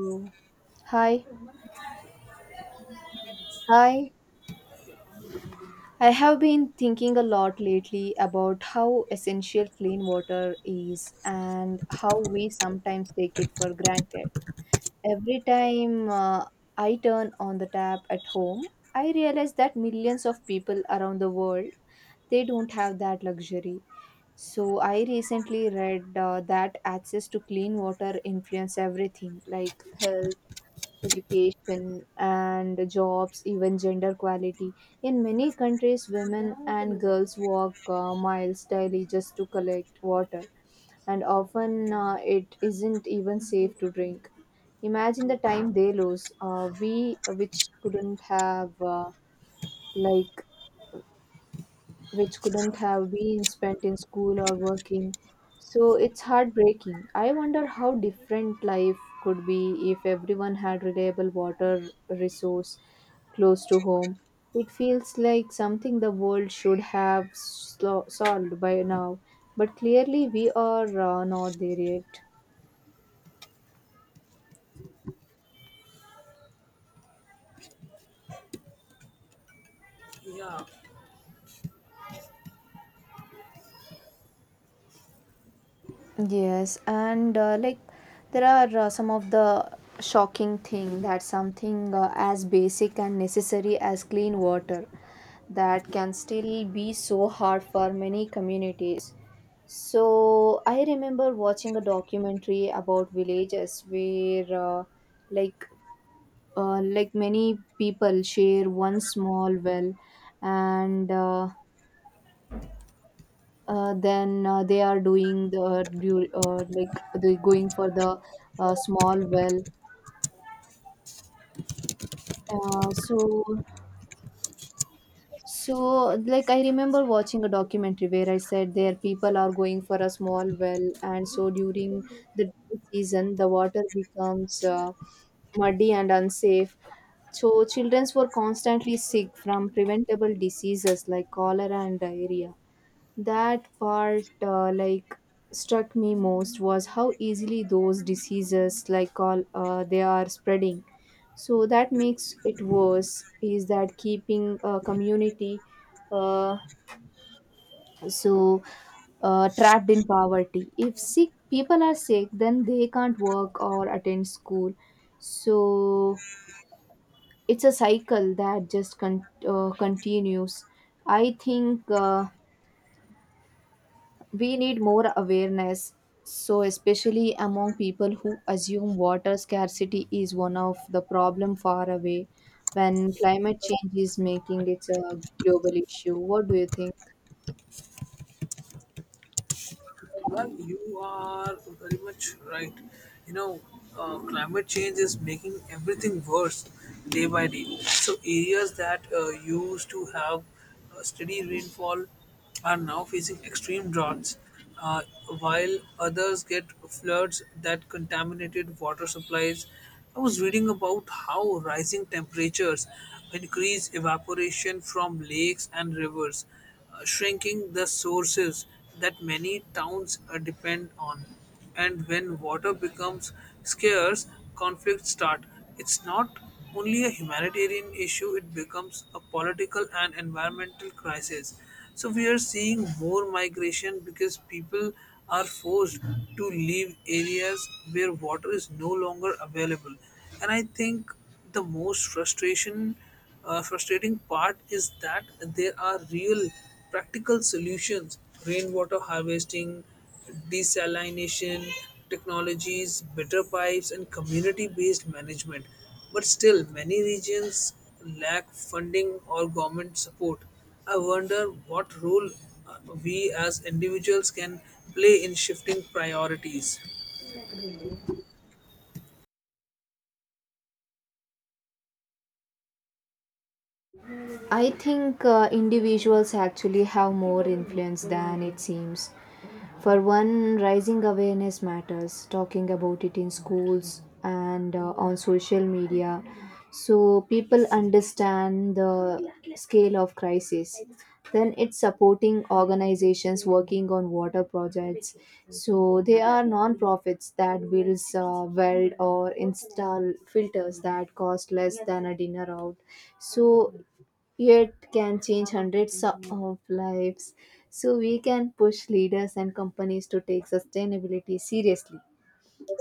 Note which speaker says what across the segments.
Speaker 1: Oh, hi. Hi. I have been thinking a lot lately about how essential clean water is and how we sometimes take it for granted. Every time I turn on the tap at home, I realize that millions of people around the world they don't have that luxury. So I recently read that access to clean water influence everything like health education and jobs, even gender equality. In many countries, women and girls walk miles daily just to collect water, and often it isn't even safe to drink. Imagine the time they lose. We, which couldn't have like Which couldn't have been spent in school or working. So it's heartbreaking. I wonder how different life could be if everyone had reliable water resource close to home. It feels like something the world should have solved by now, but clearly we are not there yet.
Speaker 2: Yeah,
Speaker 1: Yes, and there are some of the shocking thing that something as basic and necessary as clean water that can still be so hard for many communities. So I remember watching a documentary about villages where like many people share one small well and then they are doing the du- like they going for the small well so so like I remember watching a documentary where I said there people are going for a small well, and so during the dry season the water becomes muddy and unsafe, so children were constantly sick from preventable diseases like cholera and diarrhea. That part, struck me most was how easily those diseases, they are spreading. So that makes it worse. Is that keeping a community, uh, so trapped in poverty. If sick people are sick, then they can't work or attend school. So it's a cycle that just continues. I think. We need more awareness, so especially among people who assume water scarcity is one of the problem far away when climate change is making it a global issue. What do you think?
Speaker 2: well, you are very much right. You know, climate change is making everything worse day by day. So, areas that used to have steady rainfall are now facing extreme droughts, uh, while others get floods that contaminated water supplies. I was reading about how rising temperatures increase evaporation from lakes and rivers, shrinking the sources that many towns depend on. And when water becomes scarce, conflicts start. It's not only a humanitarian issue, it becomes a political and environmental crisis. So we are seeing more migration because people are forced to leave areas where water is no longer available. And I think the most frustration frustrating part is that there are real practical solutions: rainwater harvesting, desalination technologies, better pipes, and community based management. But still, many regions lack funding or government support. I wonder what role uh, we as individuals can play in shifting priorities.
Speaker 1: I think individuals actually have more influence than it seems. For one, rising awareness matters, talking about it in schools and on social media so people understand the scale of crisis. Then it's supporting organizations working on water projects. So they are non-profits that builds weld or install filters that cost less than a dinner out. So yet can change hundreds of lives. So we can push leaders and companies to take sustainability seriously.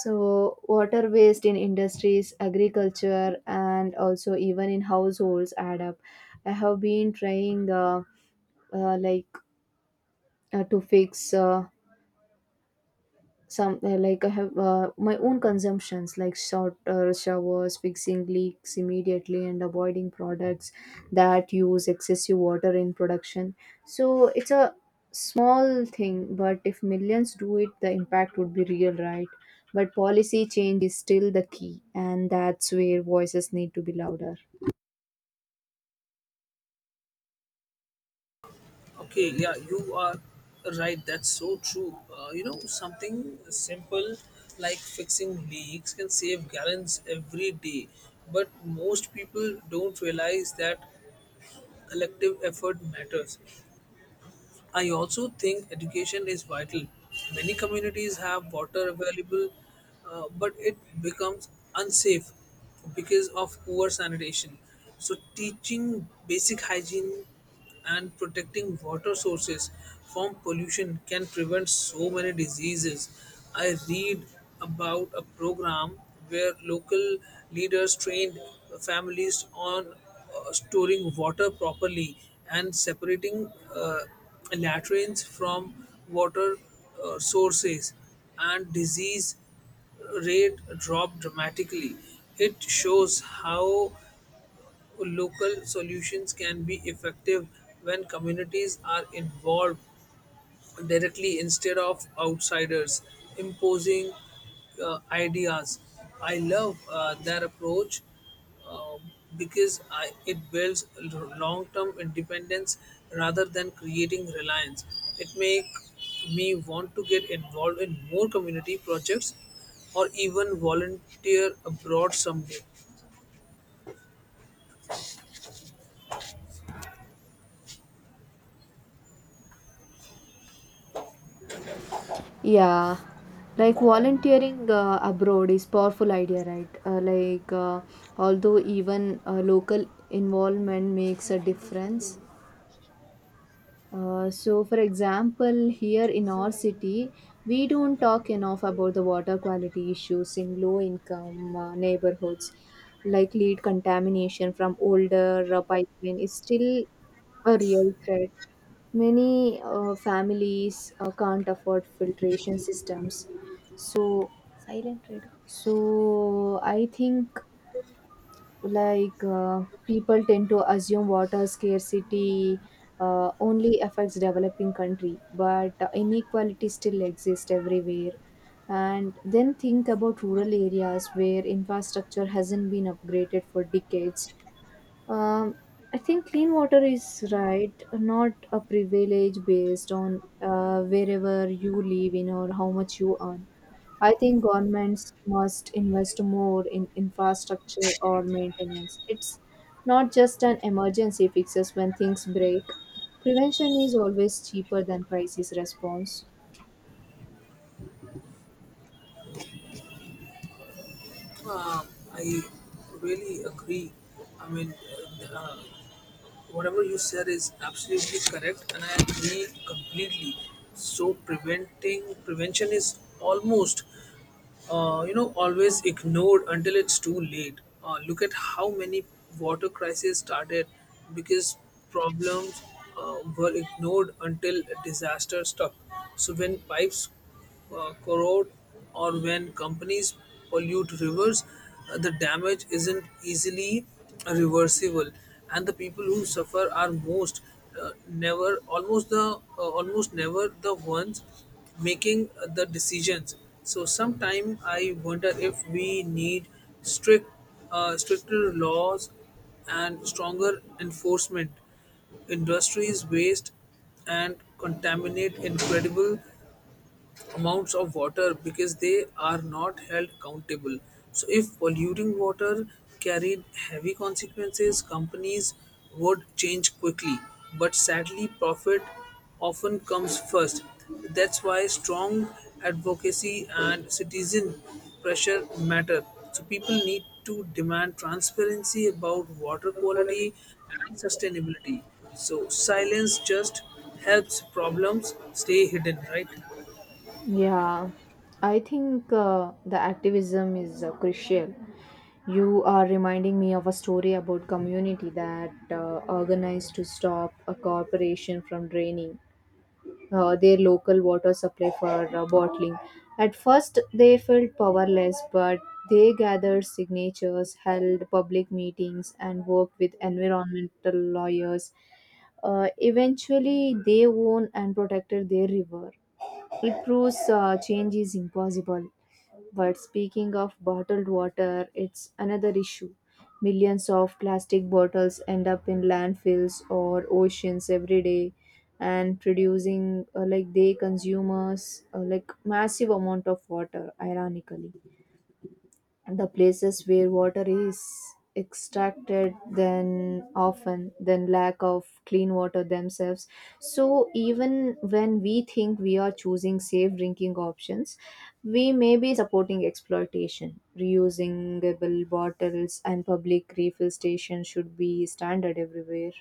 Speaker 1: So water waste in industries, agriculture, and also even in households add up. I have been trying uh, like to fix. Some like I have my own consumptions like short showers, fixing leaks immediately, and avoiding products that use excessive water in production. So it's a small thing, but if millions do it the impact would be real, right? But policy change is still the key, and that's where voices need to be louder.
Speaker 2: Okay, yeah, you are right. That's so true. You know, something simple like fixing leaks can save gallons every day, but most people don't realize that collective effort matters. I also think education is vital. Many communities have water available, but it becomes unsafe because of poor sanitation. So, teaching basic hygiene and protecting water sources from pollution can prevent so many diseases. I read about a program where local leaders trained families on storing water properly and separating latrines from water sources, and disease rate drop dramatically. It shows how local solutions can be effective when communities are involved directly instead of outsiders imposing ideas. I love that approach, uh, because it builds long term independence rather than creating reliance. It makes me want to get involved in more community projects or even volunteer abroad someday.
Speaker 1: Yeah, like volunteering abroad is powerful idea, right? Although even local involvement makes a difference. So, for example, here in our city, we don't talk enough about the water quality issues in low-income neighborhoods. Like lead contamination from older pipeline is still a real threat. Many families can't afford filtration systems so So I think people tend to assume water scarcity only affects developing country, but inequality still exists everywhere. And then think about rural areas where infrastructure hasn't been upgraded for decades. Um, I think clean water is right, not a privilege based on wherever you live in or how much you earn. I think governments must invest more in infrastructure or maintenance. It's not just an emergency fixes when things break. Prevention is always cheaper than crisis response.
Speaker 2: I really agree. I mean, uh, uh, whatever you said is absolutely correct, and I agree completely. So preventing prevention is almost, you know, always ignored until it's too late. Look at how many water crises started because problems were ignored until a disaster struck. So when pipes corrode or when companies pollute rivers, the damage isn't easily reversible, and the people who suffer are most never almost the almost never the ones making the decisions. So sometimes I wonder if we need strict stricter laws and stronger enforcement. Industries waste and contaminate incredible amounts of water because they are not held accountable. So, if polluting water carried heavy consequences, companies would change quickly. But sadly, profit often comes first. That's why strong advocacy and citizen pressure matter. So, people need to demand transparency about water quality and sustainability. So, silence just helps problems stay hidden, right?
Speaker 1: Yeah, I think the activism is crucial. You are reminding me of a story about community that organized to stop a corporation from draining their local water supply for bottling. At first, they felt powerless, but they gathered signatures, held public meetings, and worked with environmental lawyers. Eventually, they won and protected their river. It proves change is impossible. But speaking of bottled water, it's another issue. Millions of plastic bottles end up in landfills or oceans every day, and producing like they consumers massive amount of water, ironically the places where water is extracted then often then lack of clean water themselves. So even when we think we are choosing safe drinking options, we may be supporting exploitation. Reusable bottles and public refill stations should be standard everywhere.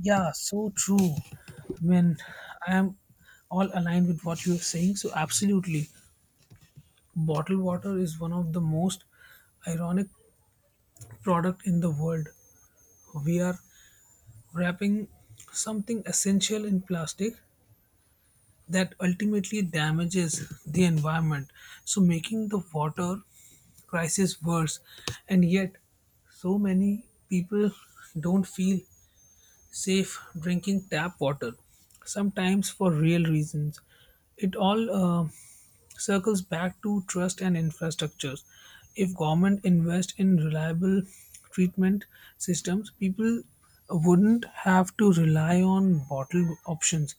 Speaker 2: Yeah, so true. I mean, I am all aligned with what you're saying. So, absolutely, bottled water is one of the most ironic product in the world. We are wrapping something essential in plastic that ultimately damages the environment. So, making the water crisis worse, and yet so many people don't feel safe drinking tap water, sometimes for real reasons. It all circles back to trust and infrastructures. If government invest in reliable treatment systems, people wouldn't have to rely on bottled options.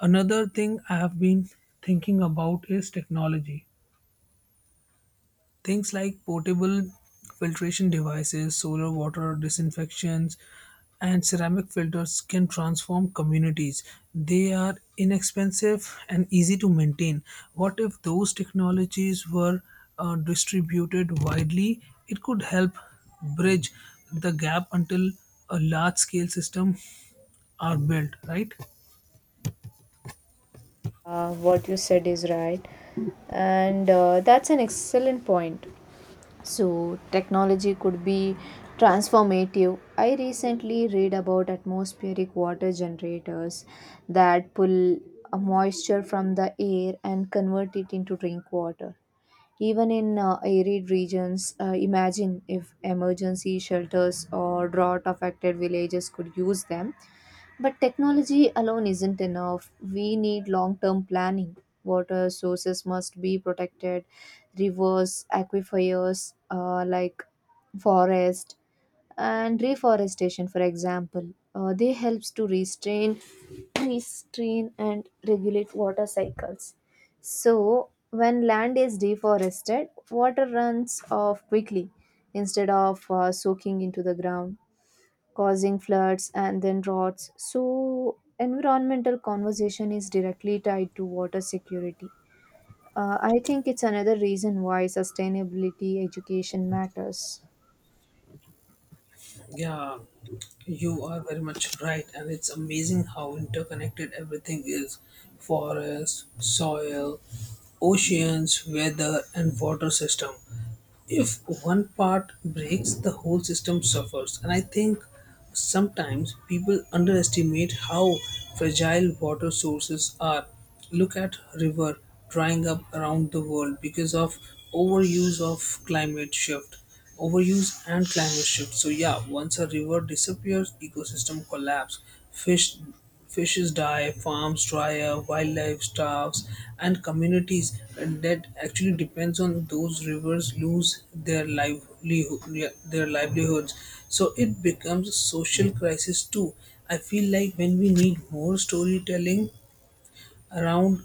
Speaker 2: Another thing I have been thinking about is technology. Things like portable filtration devices, solar water disinfections, and ceramic filters can transform communities. They are inexpensive and easy to maintain. What if those technologies were distributed widely? It could help bridge the gap until a large scale system are built, right?
Speaker 1: What you said is right, and that's an excellent point. So, technology could be transformative. I recently read about atmospheric water generators that pull a moisture from the air and convert it into drink water. Even in arid regions, imagine if emergency shelters or drought affected villages could use them. But technology alone isn't enough. We need long term planning. Water sources must be protected, rivers, aquifers forest, and reforestation, for example. They helps to restrain and regulate water cycles. So when land is deforested, water runs off quickly instead of soaking into the ground, causing floods and then droughts. So, environmental conversation is directly tied to water security. I think it's another reason why sustainability education matters.
Speaker 2: Yeah, you are very much right, and it's amazing how interconnected everything is: forest, soil, oceans, weather, and water system. If one part breaks, the whole system suffers, and I think sometimes people underestimate how fragile water sources are. Look at river drying up around the world because of overuse of climate shift. Overuse and climate shift. So yeah, once a river disappears, ecosystem collapse. Fish Fishes die, farms dry up, wildlife starves, and communities that actually depends on those rivers lose their livelihoods. So it becomes a social crisis too. I feel like when we need more storytelling around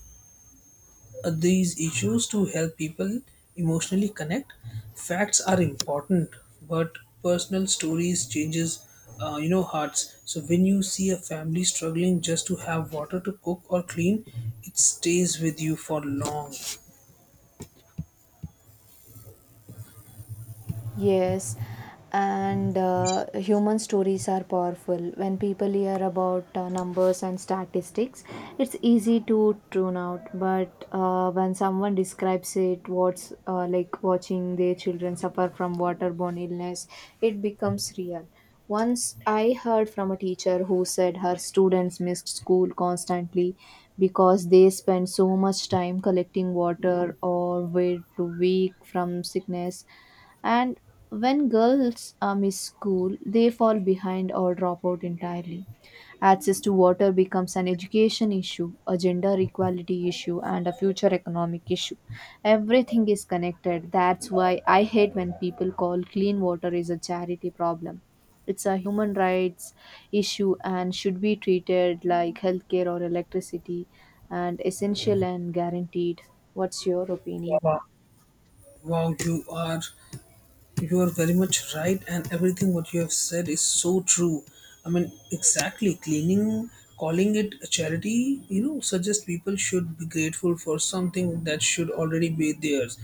Speaker 2: these issues to help people emotionally connect. Facts are important, but personal stories changes you know, hearts. So when you see a family struggling just to have water to cook or clean, it stays with you for long.
Speaker 1: Yes, and human stories are powerful. When people hear about numbers and statistics, it's easy to tune out. But when someone describes it, what's like watching their children suffer from waterborne illness, it becomes real. Once I heard from a teacher who said her students missed school constantly because they spent so much time collecting water or were too weak from sickness, and when girls miss school, they fall behind or drop out entirely. Access to water becomes an education issue, a gender equality issue, and a future economic issue. Everything is connected. That's why I hate when people call clean water is a charity problem. It's a human rights issue and should be treated like healthcare or electricity and essential and guaranteed. What's your opinion?
Speaker 2: Wow wow You are very much right, and everything what you have said is so true. I mean, exactly, cleaning, calling it a charity, you know, suggest people should be grateful for something that should already be theirs.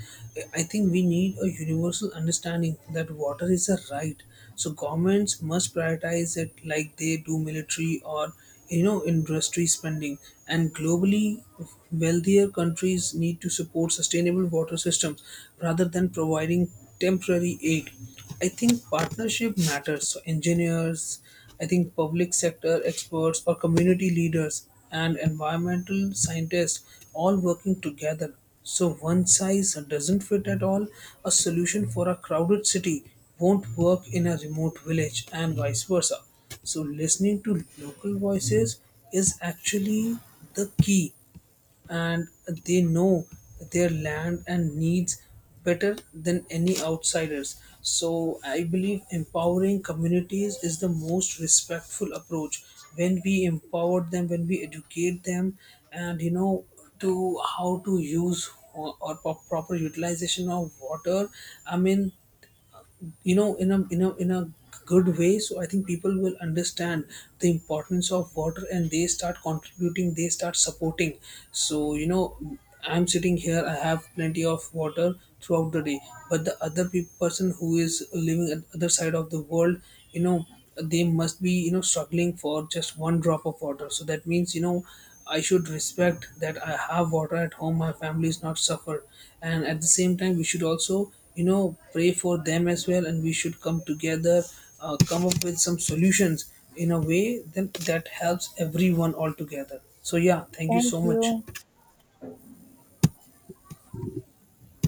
Speaker 2: I think we need a universal understanding that water is a right. So governments must prioritize it like they do military or, you know, industry spending. And globally, wealthier countries need to support sustainable water systems rather than providing temporary aid. I think partnership matters, so engineers, I think, public sector experts or community leaders and environmental scientists all working together. So one size doesn't fit at all. A solution for a crowded city won't work in a remote village and vice versa. So listening to local voices is actually the key, and they know their land and needs better than any outsiders. So I believe empowering communities is the most respectful approach. When we empower them, when we educate them, and you know, to how to use, or proper utilization of water. I mean, you know, in a in a good way, so I think people will understand the importance of water and they start contributing, they start supporting. So, you know, I'm sitting here, I have plenty of water throughout the day, but the other person who is living at other side of the world, you know, they must be, you know, struggling for just one drop of water. So that means, you know, I should respect that I have water at home, my family is not suffer. And at the same time, we should also, you know, pray for them as well, and we should come together, come up with some solutions in a way then that helps everyone all together. So yeah, thank you
Speaker 1: Thank
Speaker 2: so much.
Speaker 1: you.